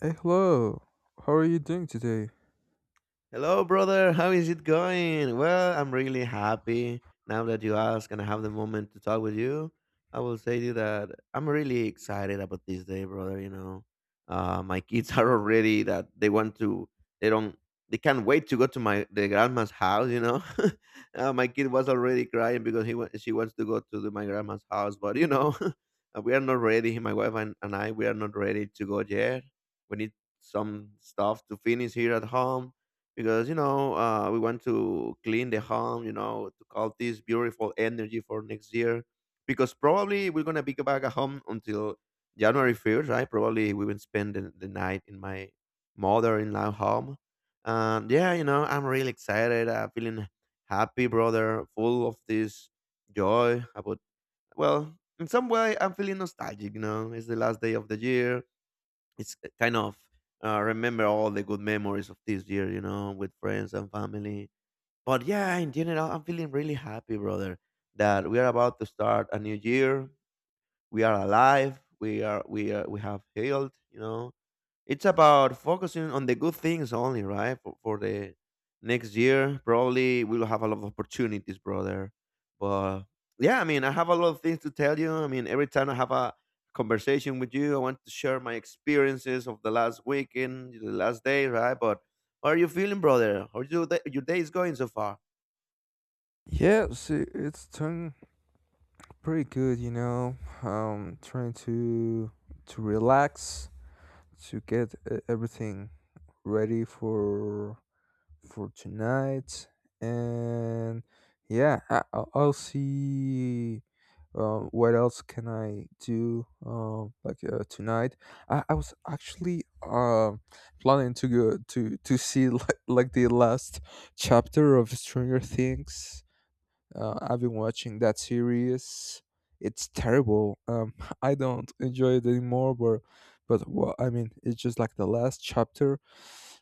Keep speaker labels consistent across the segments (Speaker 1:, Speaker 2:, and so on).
Speaker 1: Hey, hello. How are you doing today?
Speaker 2: Hello, brother. How is it going? Well, I'm really happy now that you ask and I have the moment to talk with you. I will say to you that I'm really excited about this day, brother. You know, my kids are already that they want to, they don't, they can't wait to go to my the grandma's house. You know, my kid was already crying because she wants to go to my grandma's house, but you know, we are not ready. My wife and I, we are not ready to go yet. We need some stuff to finish here at home because you know we want to clean the home, you know, to call this beautiful energy for next year, because probably we're gonna be back at home until january 1st, right? Probably we will spend the night in my mother-in-law home. And yeah, you know, I'm really excited. I'm feeling happy, brother, full of this joy about, well, in some way I'm feeling nostalgic. You know, it's the last day of the year. It's kind of remember all the good memories of this year, you know, with friends and family. But yeah, in general, I'm feeling really happy, brother, that we are about to start a new year. We are alive. We are we are we have healed, you know. It's about focusing on the good things only, right? For the next year, probably we'll have a lot of opportunities, brother. But yeah, I mean, I have a lot of things to tell you. I mean, every time I have a conversation with you, I want to share my experiences of the last weekend, the last day, right? But how are you feeling, brother? How you, your day is going so far?
Speaker 1: Yeah, see, it's turning pretty good, you know. Trying to relax, to get everything ready for tonight. And yeah, I'll see what else can I do tonight. I was actually planning to go to see like the last chapter of Stranger Things. I've been watching that series. It's terrible. I don't enjoy it anymore, but well, I mean, it's just like the last chapter.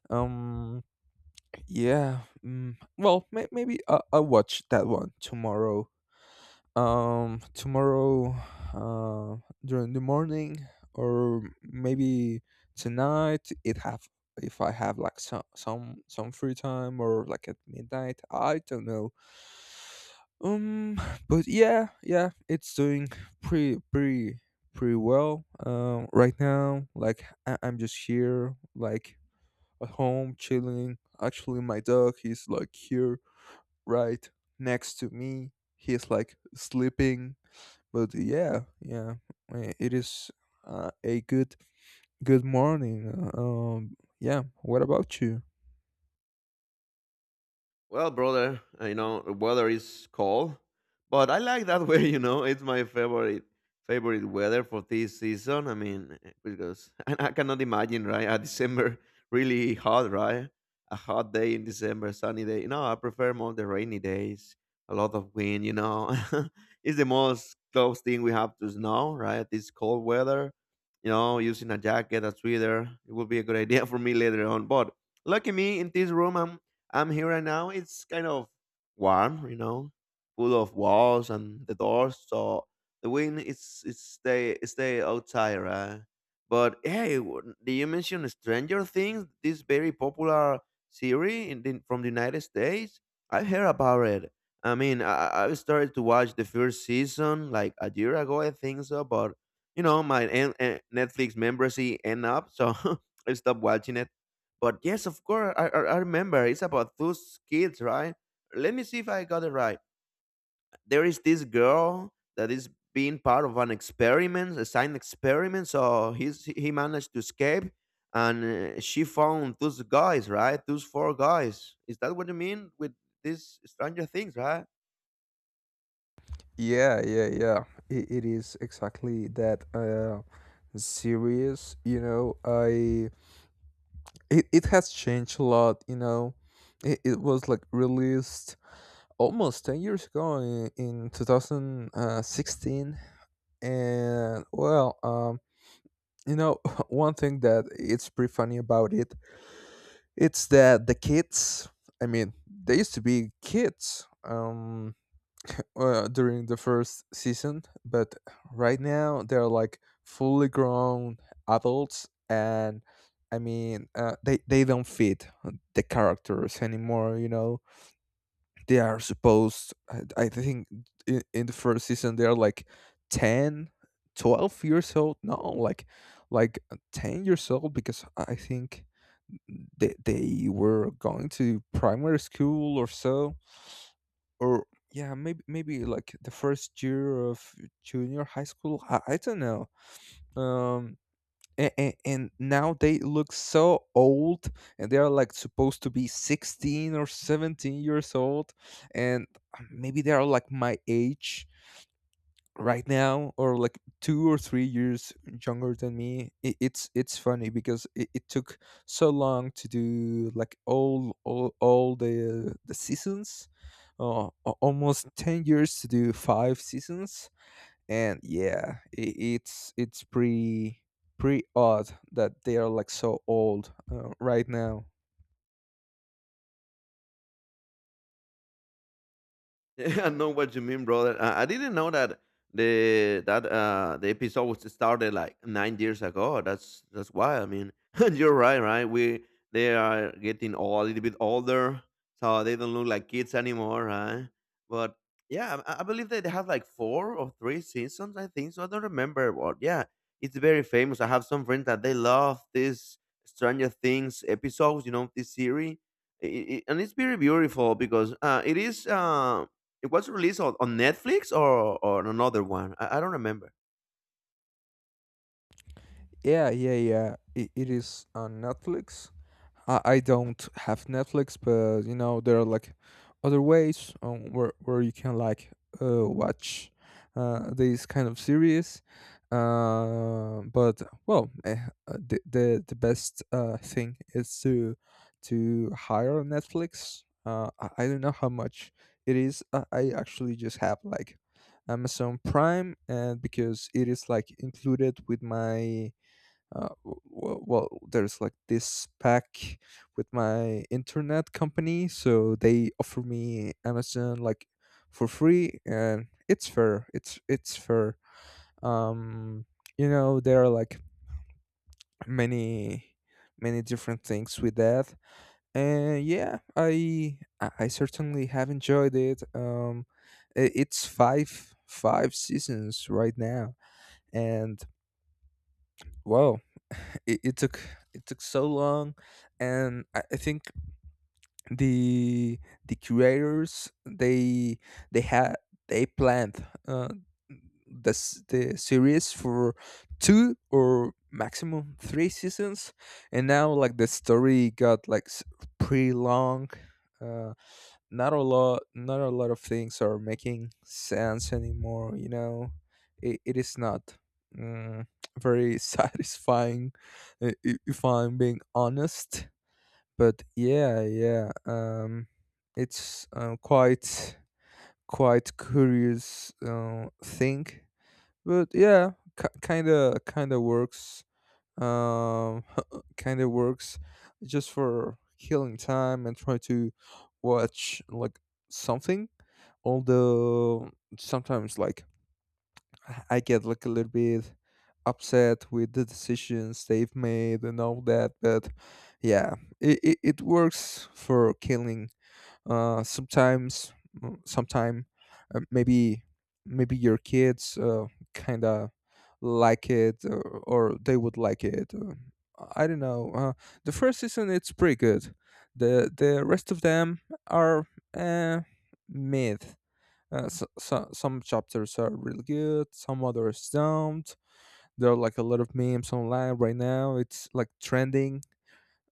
Speaker 1: Um, yeah. Well, maybe I'll watch that one tomorrow. Tomorrow, uh, during the morning, or maybe tonight. It have If I have like some free time or like at midnight. I don't know. Um, but yeah, yeah, it's doing pretty pretty pretty well. Right now, like I'm just here, like at home, chilling. Actually, my dog is like here right next to me. He's like sleeping, but yeah, yeah, it is a good morning. Yeah. What about you?
Speaker 2: Well, brother, you know, the weather is cold, but I like that way, you know. It's my favorite weather for this season. I mean, because and I cannot imagine, right? A December really hot, right? A hot day in December, sunny day. No, I prefer more the rainy days. A lot of wind, you know. It's the most close thing we have to snow, right? This cold weather, you know, using a jacket, a sweater, it would be a good idea for me later on. But lucky me, in this room, I'm here right now. It's kind of warm, you know, full of walls and the doors. So the wind is it stay outside, right? But hey, did you mention Stranger Things? This very popular series from the United States. I heard about it. I mean, I started to watch the first season like a year ago, I think so. But you know, my Netflix membership end up, so I stopped watching it, but yes, of course, I remember it's about those kids, right? Let me see if I got it right. There is this girl that is being part of an experiment, a science experiment. So he managed to escape, and she found those guys, right? Those four guys. Is that what you mean with these Stranger Things, right?
Speaker 1: Yeah, yeah, yeah. It is exactly that serious. You know, I it, it has changed a lot. You know, it was like released almost 10 years ago in 2016. And you know, one thing that it's pretty funny about it, it's that the kids, I mean, they used to be kids, during the first season, but right now they're like fully grown adults. And I mean, they don't fit the characters anymore, you know. They are supposed, I think, in the first season they're like 10, 12 years old. No, like 10 years old, because I think they were going to primary school or so. Or yeah, maybe like the first year of junior high school, I don't know. um and now they look so old, and they are like supposed to be 16 or 17 years old. And maybe they are like my age right now, or like 2 or 3 years younger than me. It, it's funny because it took so long to do like all the seasons, almost 10 years to do five seasons. And yeah, it's pretty odd that they are like so old right now.
Speaker 2: Yeah, I know what you mean, brother. I didn't know that the episode was started like 9 years ago. That's why. I mean, and you're right, right? We They are getting all a little bit older, so they don't look like kids anymore, right? But yeah, I believe that they have like four or three seasons. I think so. I don't remember, but yeah, it's very famous. I have some friends that they love this Stranger Things episodes. You know, this series. I- and it's very beautiful because it is. It was released on Netflix or another one. I don't remember.
Speaker 1: Yeah, yeah, yeah, it is on Netflix. I don't have Netflix, but you know there are like other ways where you can like watch these kind of series. Uh, but well, eh, the best thing is to hire Netflix. I don't know how much it is. I actually just have like Amazon Prime, and because it is like included with my well, there's like this pack with my internet company, so they offer me Amazon like for free, and it's fair it's fair. um you know, there are like many many different things with that. And yeah, I certainly have enjoyed it. It's five seasons right now. And wow, it took so long. And I think the curators, they had they planned this the series for two or maximum three seasons, and now like the story got pretty long. uh not a lot of things are making sense anymore, you know. It is not, mm, very satisfying, if I'm being honest. But yeah, yeah, it's quite curious thing. But yeah, kind of works. um, kind of works, just for killing time and try to watch like something. Although sometimes like I get like a little bit upset with the decisions they've made and all that. But yeah, it works for killing sometimes, mm, sometime maybe maybe your kids kind of like it, or they would like it. I don't know. The first season, it's pretty good. The rest of them are uh, mid. So, some chapters are really good, some others don't. There are like a lot of memes online right now. It's like trending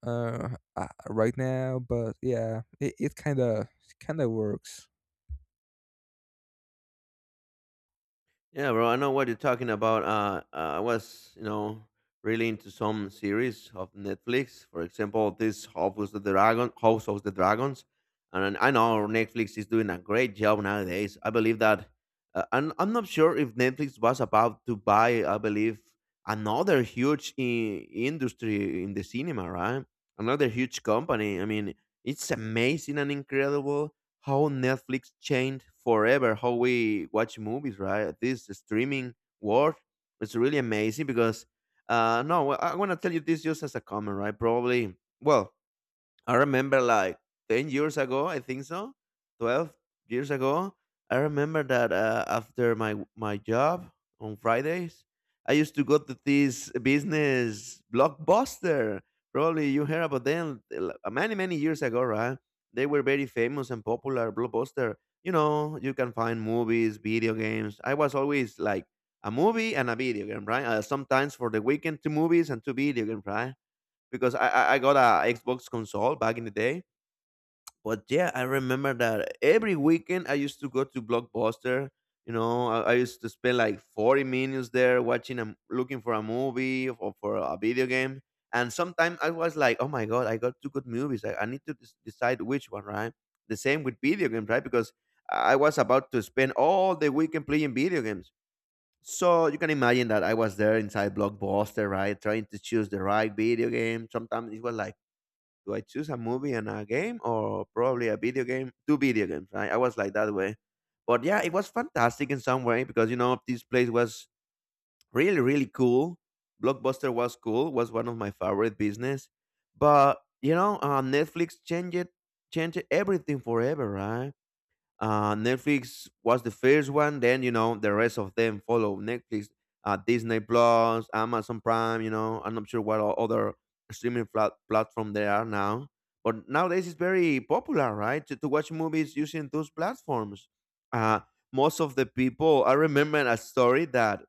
Speaker 1: uh, right now, but yeah, it kind of works.
Speaker 2: Yeah, bro, I know what you're talking about. I was, you know, really into some series of Netflix. For example, this House of the Dragon, House of the Dragons, and I know Netflix is doing a great job nowadays. I believe that. I'm not sure if Netflix was about to buy. I believe another huge industry in the cinema, right? Another huge company. I mean, it's amazing and incredible how Netflix changed forever how we watch movies, right? This streaming world is really amazing because, no, well, I want to tell you this just as a comment, right? Probably, well, I remember like 10 years ago, I think so, 12 years ago, I remember that after my my job on Fridays, I used to go to this business blockbuster. Probably you heard about them many, many years ago, right? They were very famous and popular blockbuster. You know, you can find movies, video games. I was always like a movie and a video game, right? Sometimes for the weekend, two movies and two video games, right? Because I got a Xbox console back in the day. But yeah, I remember that every weekend I used to go to Blockbuster. You know, I used to spend like 40 minutes there watching a m looking for a movie or for a video game. And sometimes I was like, oh my god, I got two good movies. I need to decide which one, right? The same with video games, right? Because I was about to spend all the weekend playing video games. So you can imagine that I was there inside Blockbuster, right? Trying to choose the right video game. Sometimes it was like, do I choose a movie and a game or probably a video game? Two video games, right? I was like that way. But yeah, it was fantastic in some way because you know this place was really, really cool. Blockbuster was cool, was one of my favorite business. But you know, Netflix changed everything forever, right? Netflix was the first one. Then you know the rest of them follow Netflix, Disney Plus, Amazon Prime. You know I'm not sure what other streaming platform there are now, but nowadays it's very popular, right? To watch movies using those platforms. Uh, Most of the people, I remember a story that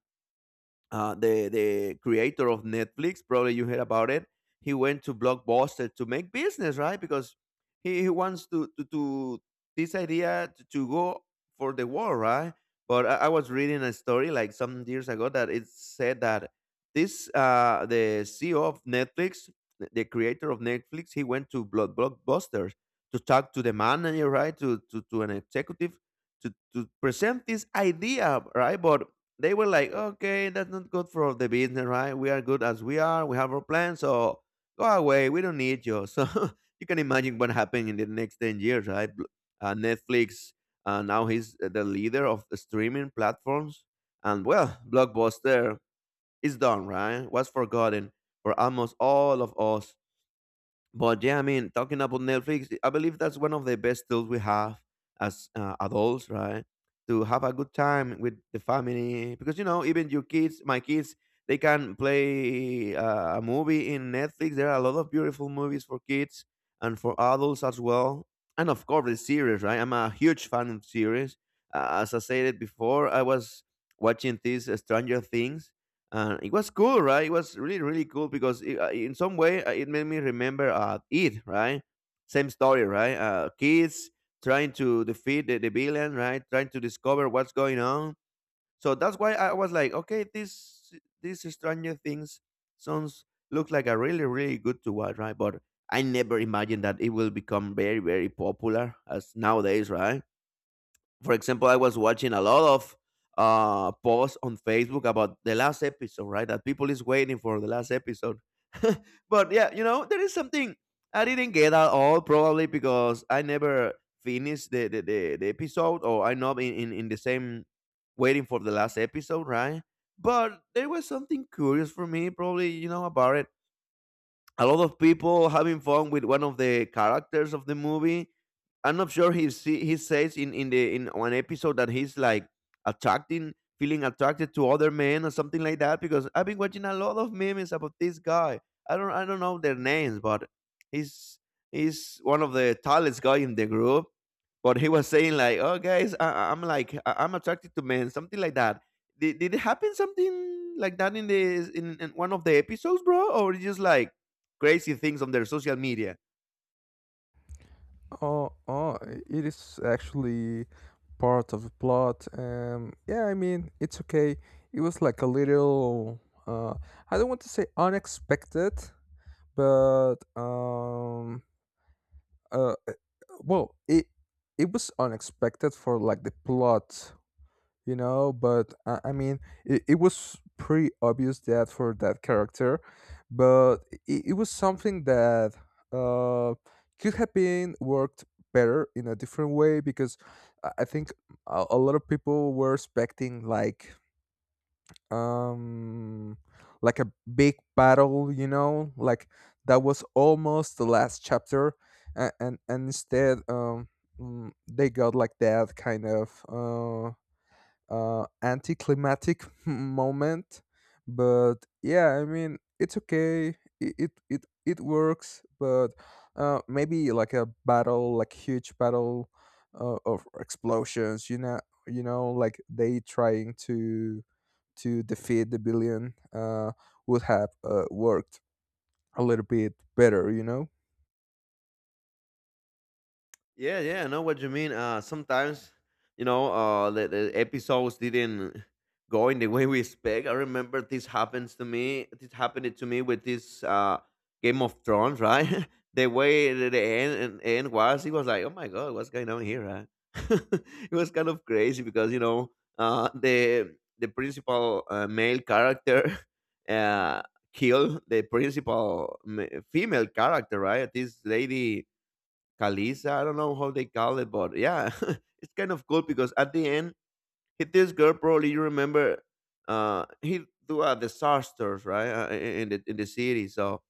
Speaker 2: the creator of Netflix. Probably you heard about it. He went to Blockbuster to make business, right? Because he wants to this idea to go for the war, right? But I was reading a story like some years ago that it said that this the CEO of Netflix, the creator of Netflix, he went to Blockbuster to talk to the manager, right? To an executive to present this idea, right? But they were like, okay, that's not good for the business, right? We are good as we are. We have our plan. So go away. We don't need you. So you can imagine what happened in the next 10 years, right? Netflix, now he's the leader of the streaming platforms. And well, Blockbuster is done, right? Was forgotten for almost all of us. But yeah, I mean, talking about Netflix, I believe that's one of the best tools we have as adults, right? To have a good time with the family, because you know, even your kids, my kids, they can play a movie in Netflix. There are a lot of beautiful movies for kids and for adults as well, and of course the series, right? I'm a huge fan of series. As I said it before, I was watching this Stranger Things and it was cool, right? It was really really cool because in some way it made me remember it, right? Same story, right? Kids trying to defeat the villain, right? Trying to discover what's going on. So that's why I was like, okay, this Stranger Things sounds looks like a really really good to watch, right? But I never imagined that it will become very very popular as nowadays, right? For example, I was watching a lot of posts on Facebook about the last episode, right? That people is waiting for the last episode. But yeah, you know, there is something I didn't get at all, probably because I never finished the episode or I'm not in the same waiting for the last episode, right? But there was something curious for me, probably, you know, about it, a lot of people having fun with one of the characters of the movie. I'm not sure he says in one episode that he's like attracting, feeling attracted to other men or something like that, because I've been watching a lot of memes about this guy. I don't know their names, but he's he's one of the tallest guy in the group. But he was saying like, "Oh guys, I'm attracted to men," something like that. Did it happen something like that in one of the episodes, bro? Or just like crazy things on their social media.
Speaker 1: Oh, oh, it is actually part of the plot. Yeah, I mean, it's okay. It was like a little, uh, I don't want to say unexpected, but uh, uh, well, it was unexpected for like the plot, you know. But I mean, it was pretty obvious that for that character. But it was something that uh, could have been worked better in a different way, because I think a lot of people were expecting like um a big battle, you know, like that was almost the last chapter. And instead, mm, they got like that kind of uh anticlimactic moment. But yeah, I mean, it's okay, it works. But maybe like a battle like huge battle of explosions, you know. You know, like they trying to defeat the billion, would have worked a little bit better, you know.
Speaker 2: Yeah, yeah, I know what you mean. Sometimes, you know, the episodes didn't go in the way we expect. I remember this happens to me. This happened to me with this Game of Thrones, right? The way the end was, it was like, oh my god, what's going on here, right? It was kind of crazy because, you know, the principal male character uh, killed the female character, right? This lady Kalisa, I don't know how they call it, but yeah, it's kind of cool because at the end, hit this girl. Probably you remember, he do a disasters, right? In the city. So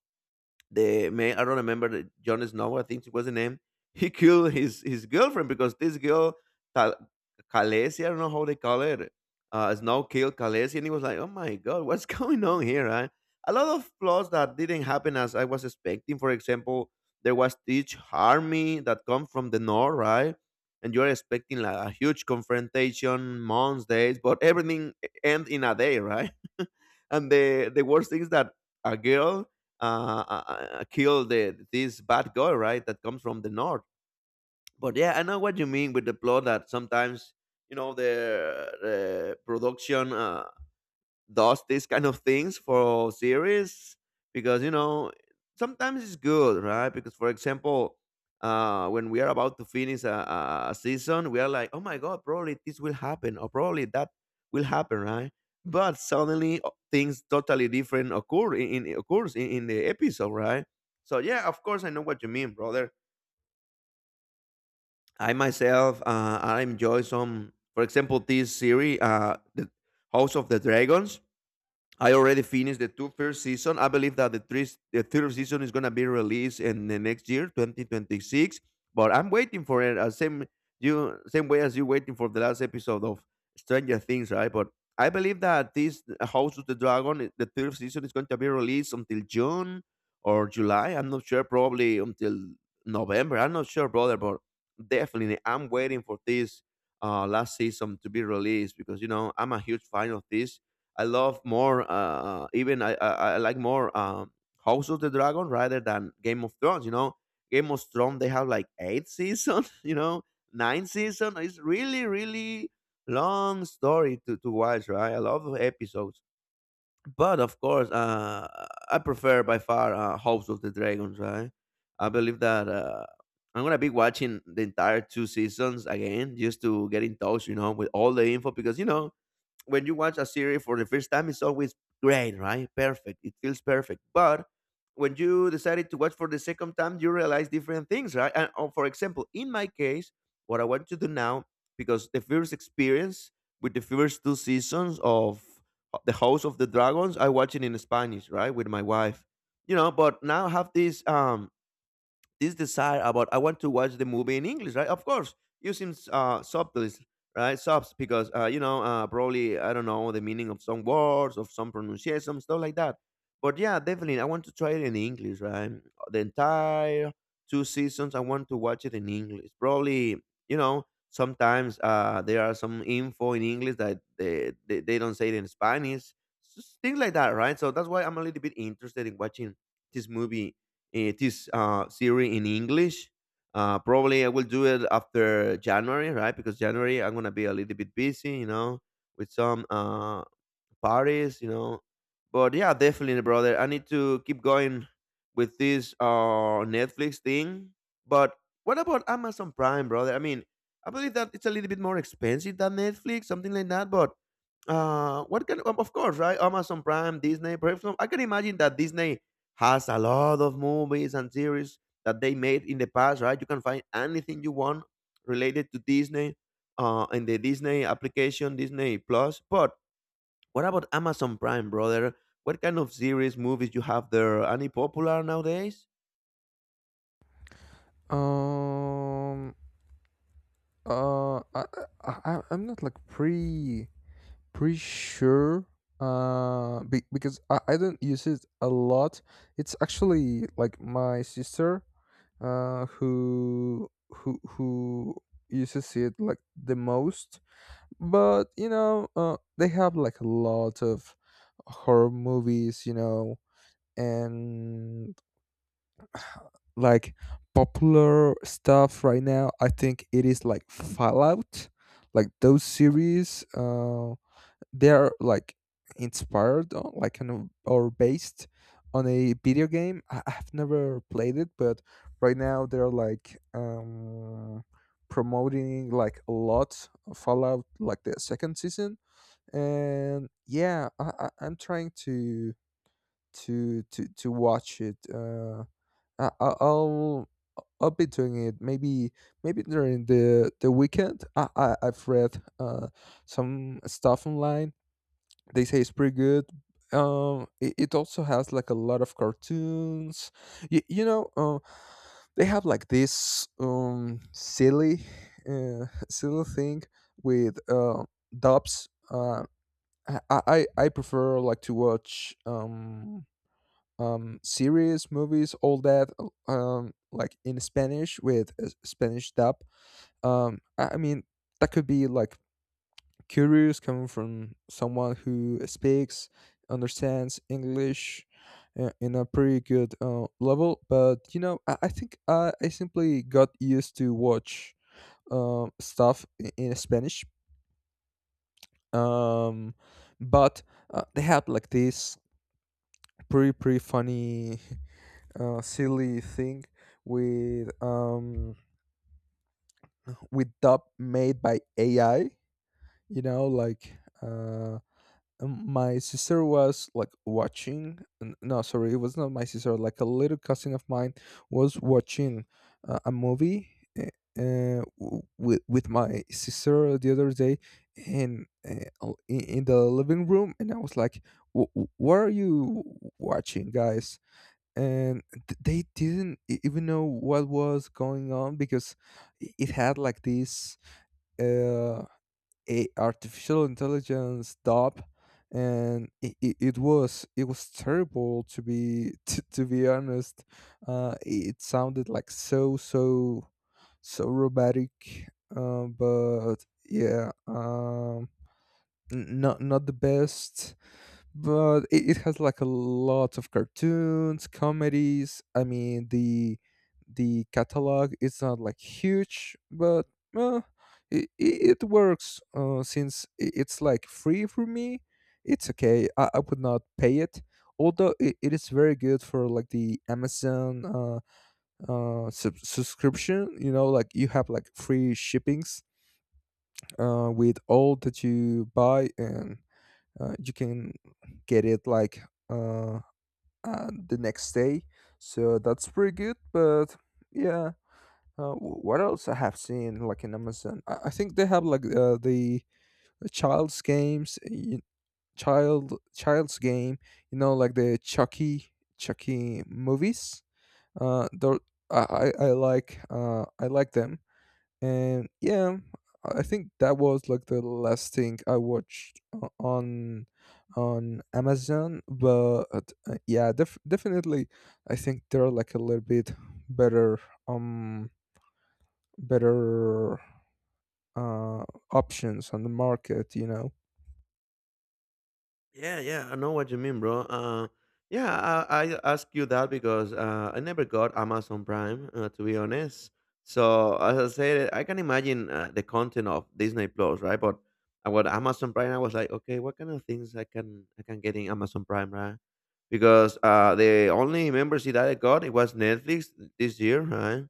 Speaker 2: the man, I don't remember Jon Snow, I think it was the name. He killed his girlfriend because this girl, Khal- Khaleesi, I don't know how they call it. Snow killed Khaleesi and he was like, oh my god, what's going on here, right? A lot of plots that didn't happen as I was expecting. For example, there was this army that come from the north, right? And you're expecting like a huge confrontation, months, days, but everything end in a day, right? And the worst thing is that a girl uh, kill the this bad guy, right? That comes from the north. But yeah, I know what you mean with the plot that sometimes, you know, the production does these kind of things for series, because you know sometimes it's good, right? Because for example, when we are about to finish a season, we are like, oh my god, probably this will happen or probably that will happen, right? But suddenly, things totally different occurs in the episode, right? So yeah, of course I know what you mean, brother. I myself, I enjoy some. For example, this series, the House of the Dragons. I already finished the two first season. I believe that the third season is gonna be released in the next year, 2026. But I'm waiting for it. Same you, same way as you waiting for the last episode of Stranger Things, right? But I believe that this House of the Dragon, the third season, is going to be released until June or July. I'm not sure. Probably until November. I'm not sure, brother. But definitely, I'm waiting for this last season to be released, because you know I'm a huge fan of this. I love more. Even I like more House of the Dragon rather than Game of Thrones. You know, Game of Thrones they have like eight season. You know, nine season. It's really really long story to watch. Right, a lot of episodes. But of course, I prefer by far House of the Dragons. Right, I believe that. I'm gonna be watching the entire two seasons again, just to get in touch, you know, with all the info, because you know when you watch a series for the first time, it's always great, right? Perfect. It feels perfect. But when you decided to watch for the second time, you realize different things, right? And for example, in my case, what I want to do now, because the first experience with the first two seasons of the House of the Dragons, I watch it in Spanish, right, with my wife. You know, but now I have this this desire about I want to watch the movie in English, right? Of course, using subtitles, right? Subs, because you know probably I don't know the meaning of some words, of some pronunciation, stuff like that. But yeah, definitely, I want to try it in English, right? The entire two seasons, I want to watch it in English. Probably, you know, sometimes there are some info in English that they don't say it in Spanish, things like that, right? So that's why I'm a little bit interested in watching this movie, it is series in English. Probably I will do it after January, right? Because January I'm gonna be a little bit busy, you know, with some Paris, you know. But yeah, definitely, brother. I need to keep going with this Netflix thing. But what about Amazon Prime, brother? I mean, I believe that it's a little bit more expensive than Netflix, something like that. But what can of course, right? Amazon Prime, Disney, perhaps I can imagine that Disney has a lot of movies and series that they made in the past, right? You can find anything you want related to Disney, in the Disney application, Disney Plus. But what about Amazon Prime, brother? What kind of series, movies you have there? Any popular nowadays?
Speaker 1: um uh I, I I'm not like pretty sure, because I don't use it a lot. It's actually like my sister who uses it like the most. But you know, they have like a lot of horror movies, you know. And like popular stuff right now, I think it is like Fallout, like those series. They are like inspired on like an, or based on a video game. I've never played it. But right now they're like, promoting like a lot of Fallout, like the second season. And yeah, I'm trying to to watch it. I- I'll be doing it maybe during the weekend. I, I've read some stuff online. They say it's pretty good. It, it also has like a lot of cartoons. You know, they have like this silly, silly thing with dubs. I prefer like to watch series, movies, all that, like in Spanish with a Spanish dub. I mean, that could be like curious, coming from someone who speaks understands English in a pretty good level, but you know, I think I simply got used to watch stuff in Spanish. Um, but They had like this pretty funny silly thing with um, with dub made by AI, you know, like uh, my sister was like watching, no, sorry, it was not my sister, like a little cousin of mine was watching a movie uh, with my sister the other day in, in the living room, and I was like, What are you watching, guys?" And they didn't even know what was going on, because it had like this uh a artificial intelligence dub, and it was terrible, to be to be honest. It sounded like so robotic. But yeah not not the best. But it has like a lot of cartoons, comedies. I mean, the catalog is not like huge. But uh, it, it works, since it's like free for me. It's okay. I would not pay it, although it is very good for like the Amazon subscription. You know, like you have like free shippings with all that you buy, and you can get it like uh, the next day. So that's pretty good. But yeah, what else I have seen like in Amazon? I think they have like the child's games, child's game. You know, like the Chucky movies. Uh, tho- I I like them. And yeah, I think that was like the last thing I watched on Amazon. But yeah, definitely, I think there are like a little bit better um better uh options on the market. You know.
Speaker 2: Yeah, yeah, I know what you mean, bro. Yeah, I ask you that because I never got Amazon Prime, to be honest. So as I said, I can imagine the content of Disney Plus, right? But about Amazon Prime, I was like, okay, what kind of things I can get in Amazon Prime, right? Because the only membership that I got it was Netflix this year, right?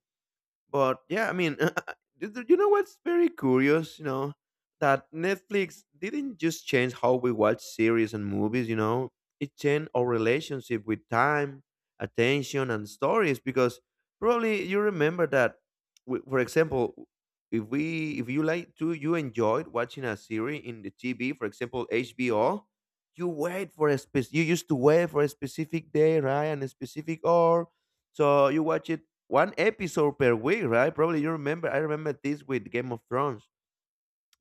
Speaker 2: But yeah, I mean, you know what's very curious, you know, that Netflix didn't just change how we watch series and movies, you know, it changed our relationship with time, attention, and stories, because probably you remember that, for example, if you like to you enjoyed watching a series in the TV, for example HBO, you wait for a spec you used to wait for a specific day, right, and a specific hour, so you watch it one episode per week, right? Probably you remember. I remember this with Game of Thrones,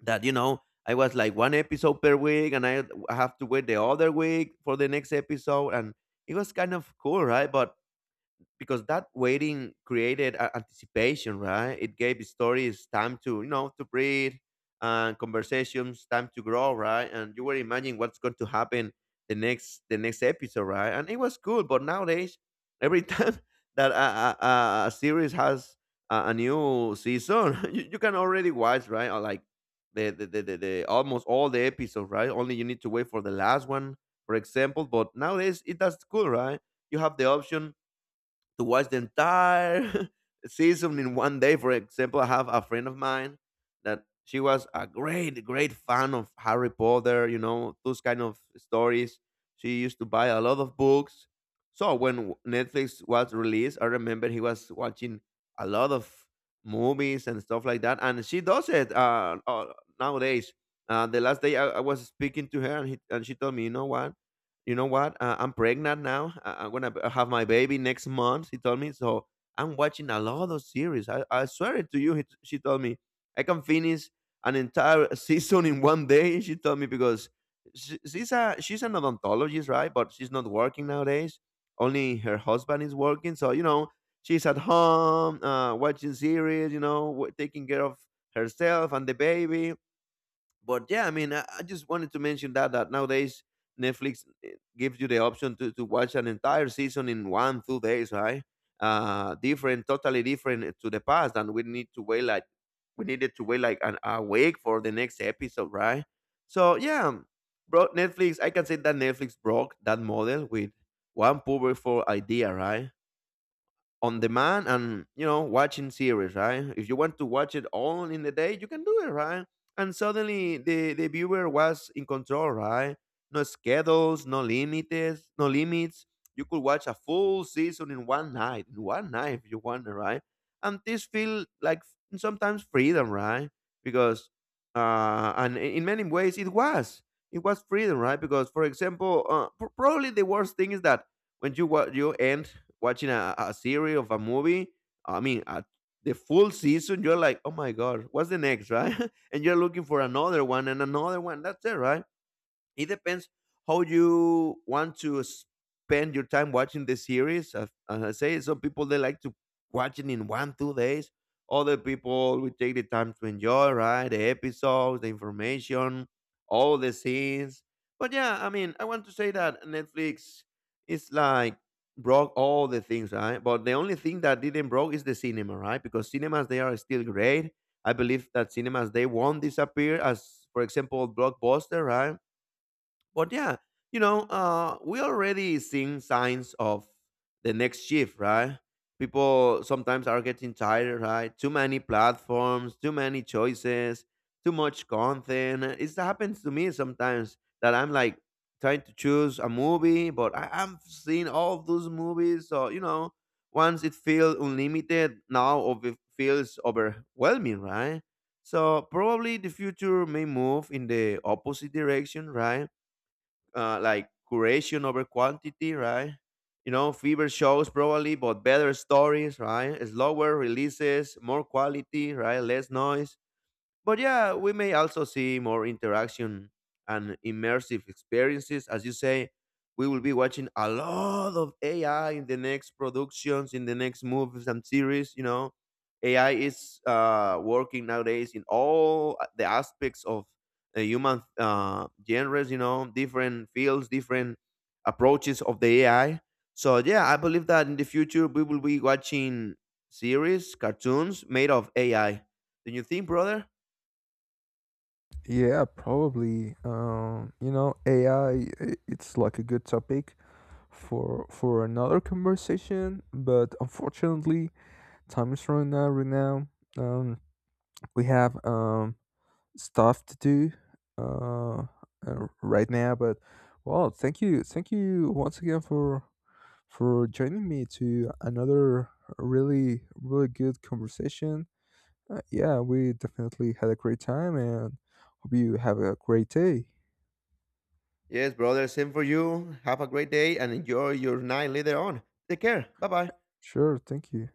Speaker 2: that you know I was like one episode per week, and I have to wait the other week for the next episode, and it was kind of cool, right? But because that waiting created anticipation, right? It gave stories time to, you know, to breathe, and conversations time to grow, right? And you were imagining what's going to happen the next episode, right? And it was cool, but nowadays every time that a series has a new season, you can already watch, right? Or like the almost all the episodes, right? Only you need to wait for the last one, for example. But nowadays it that's cool, right? You have the option to watch the entire season in 1 day. For example, I have a friend of mine that she was a great, great fan of Harry Potter, you know, those kind of stories. She used to buy a lot of books. So when Netflix was released, I remember he was watching a lot of movies and stuff like that. And she does it nowadays. The last day I was speaking to her, and, she told me, you know what? I'm pregnant now. I'm gonna have my baby next month, she told me. So I'm watching a lot of series. I swear it to you. She told me I can finish an entire season in 1 day, she told me. Because she's an odontologist, right? But she's not working nowadays. Only her husband is working. So you know she's at home watching series, you know, taking care of herself and the baby. But yeah, I mean, I just wanted to mention that that nowadays Netflix, gives you the option to watch an entire season in 1 2 days, right? Different, totally different, to the past, and we needed to wait like an a week for the next episode, right? So yeah, bro, Netflix, I can say that Netflix broke that model with one powerful idea, right? On demand, and you know, watching series, right? If you want to watch it all in the day, you can do it, right? And suddenly the viewer was in control, right? No schedules, no limits, no limits. You could watch a full season in one night, if you want, right? And this feel like, sometimes freedom, right? Because and in many ways it was freedom, right? Because for example, probably the worst thing is that when you end watching a series of a movie. I mean, the full season, you're like, oh my God, what's the next, right? And you're looking for another one and another one. That's it, right? It depends how you want to spend your time watching the series. As I say, some people they like to watch it in 1 2 days. Other people will take the time to enjoy, right? The episodes, the information, all the scenes. But yeah, I mean, I want to say that Netflix is like broke all the things, right? But the only thing that didn't broke is the cinema, right? Because cinemas they are still great. I believe that cinemas they won't disappear, as for example, Blockbuster, right? But yeah, you know, we already seeing signs of the next shift, right? People sometimes are getting tired, right? Too many platforms, too many choices, too much content. It happens to me sometimes that I'm like trying to choose a movie, but I'm seeing all those movies. So, you know, once it feels unlimited, now it feels overwhelming, right? So probably the future may move in the opposite direction, right? Uh, like curation over quantity, right? You know, fever shows probably, but better stories, right? Slower releases, more quality, right? Less noise. But yeah, we may also see more interaction and immersive experiences. As you say, we will be watching a lot of AI in the next productions, in the next movies and series. You know, AI is working nowadays in all the aspects of the human genres, you know, different fields, different approaches of the AI. So, yeah, I believe that in the future we will be watching series, cartoons made of AI. Do you think, brother?
Speaker 1: Yeah, probably. You know, AI, it's like a good topic for another conversation, but unfortunately, time is running out right now. Um, we have stuff to do uh, right now. But well, thank you, once again, for joining me to another really good conversation. Yeah, we definitely had a great time, and hope you have a great day.
Speaker 2: Yes, brother, same for you. Have a great day and enjoy your night later on. Take care. Bye bye.
Speaker 1: Sure, thank you.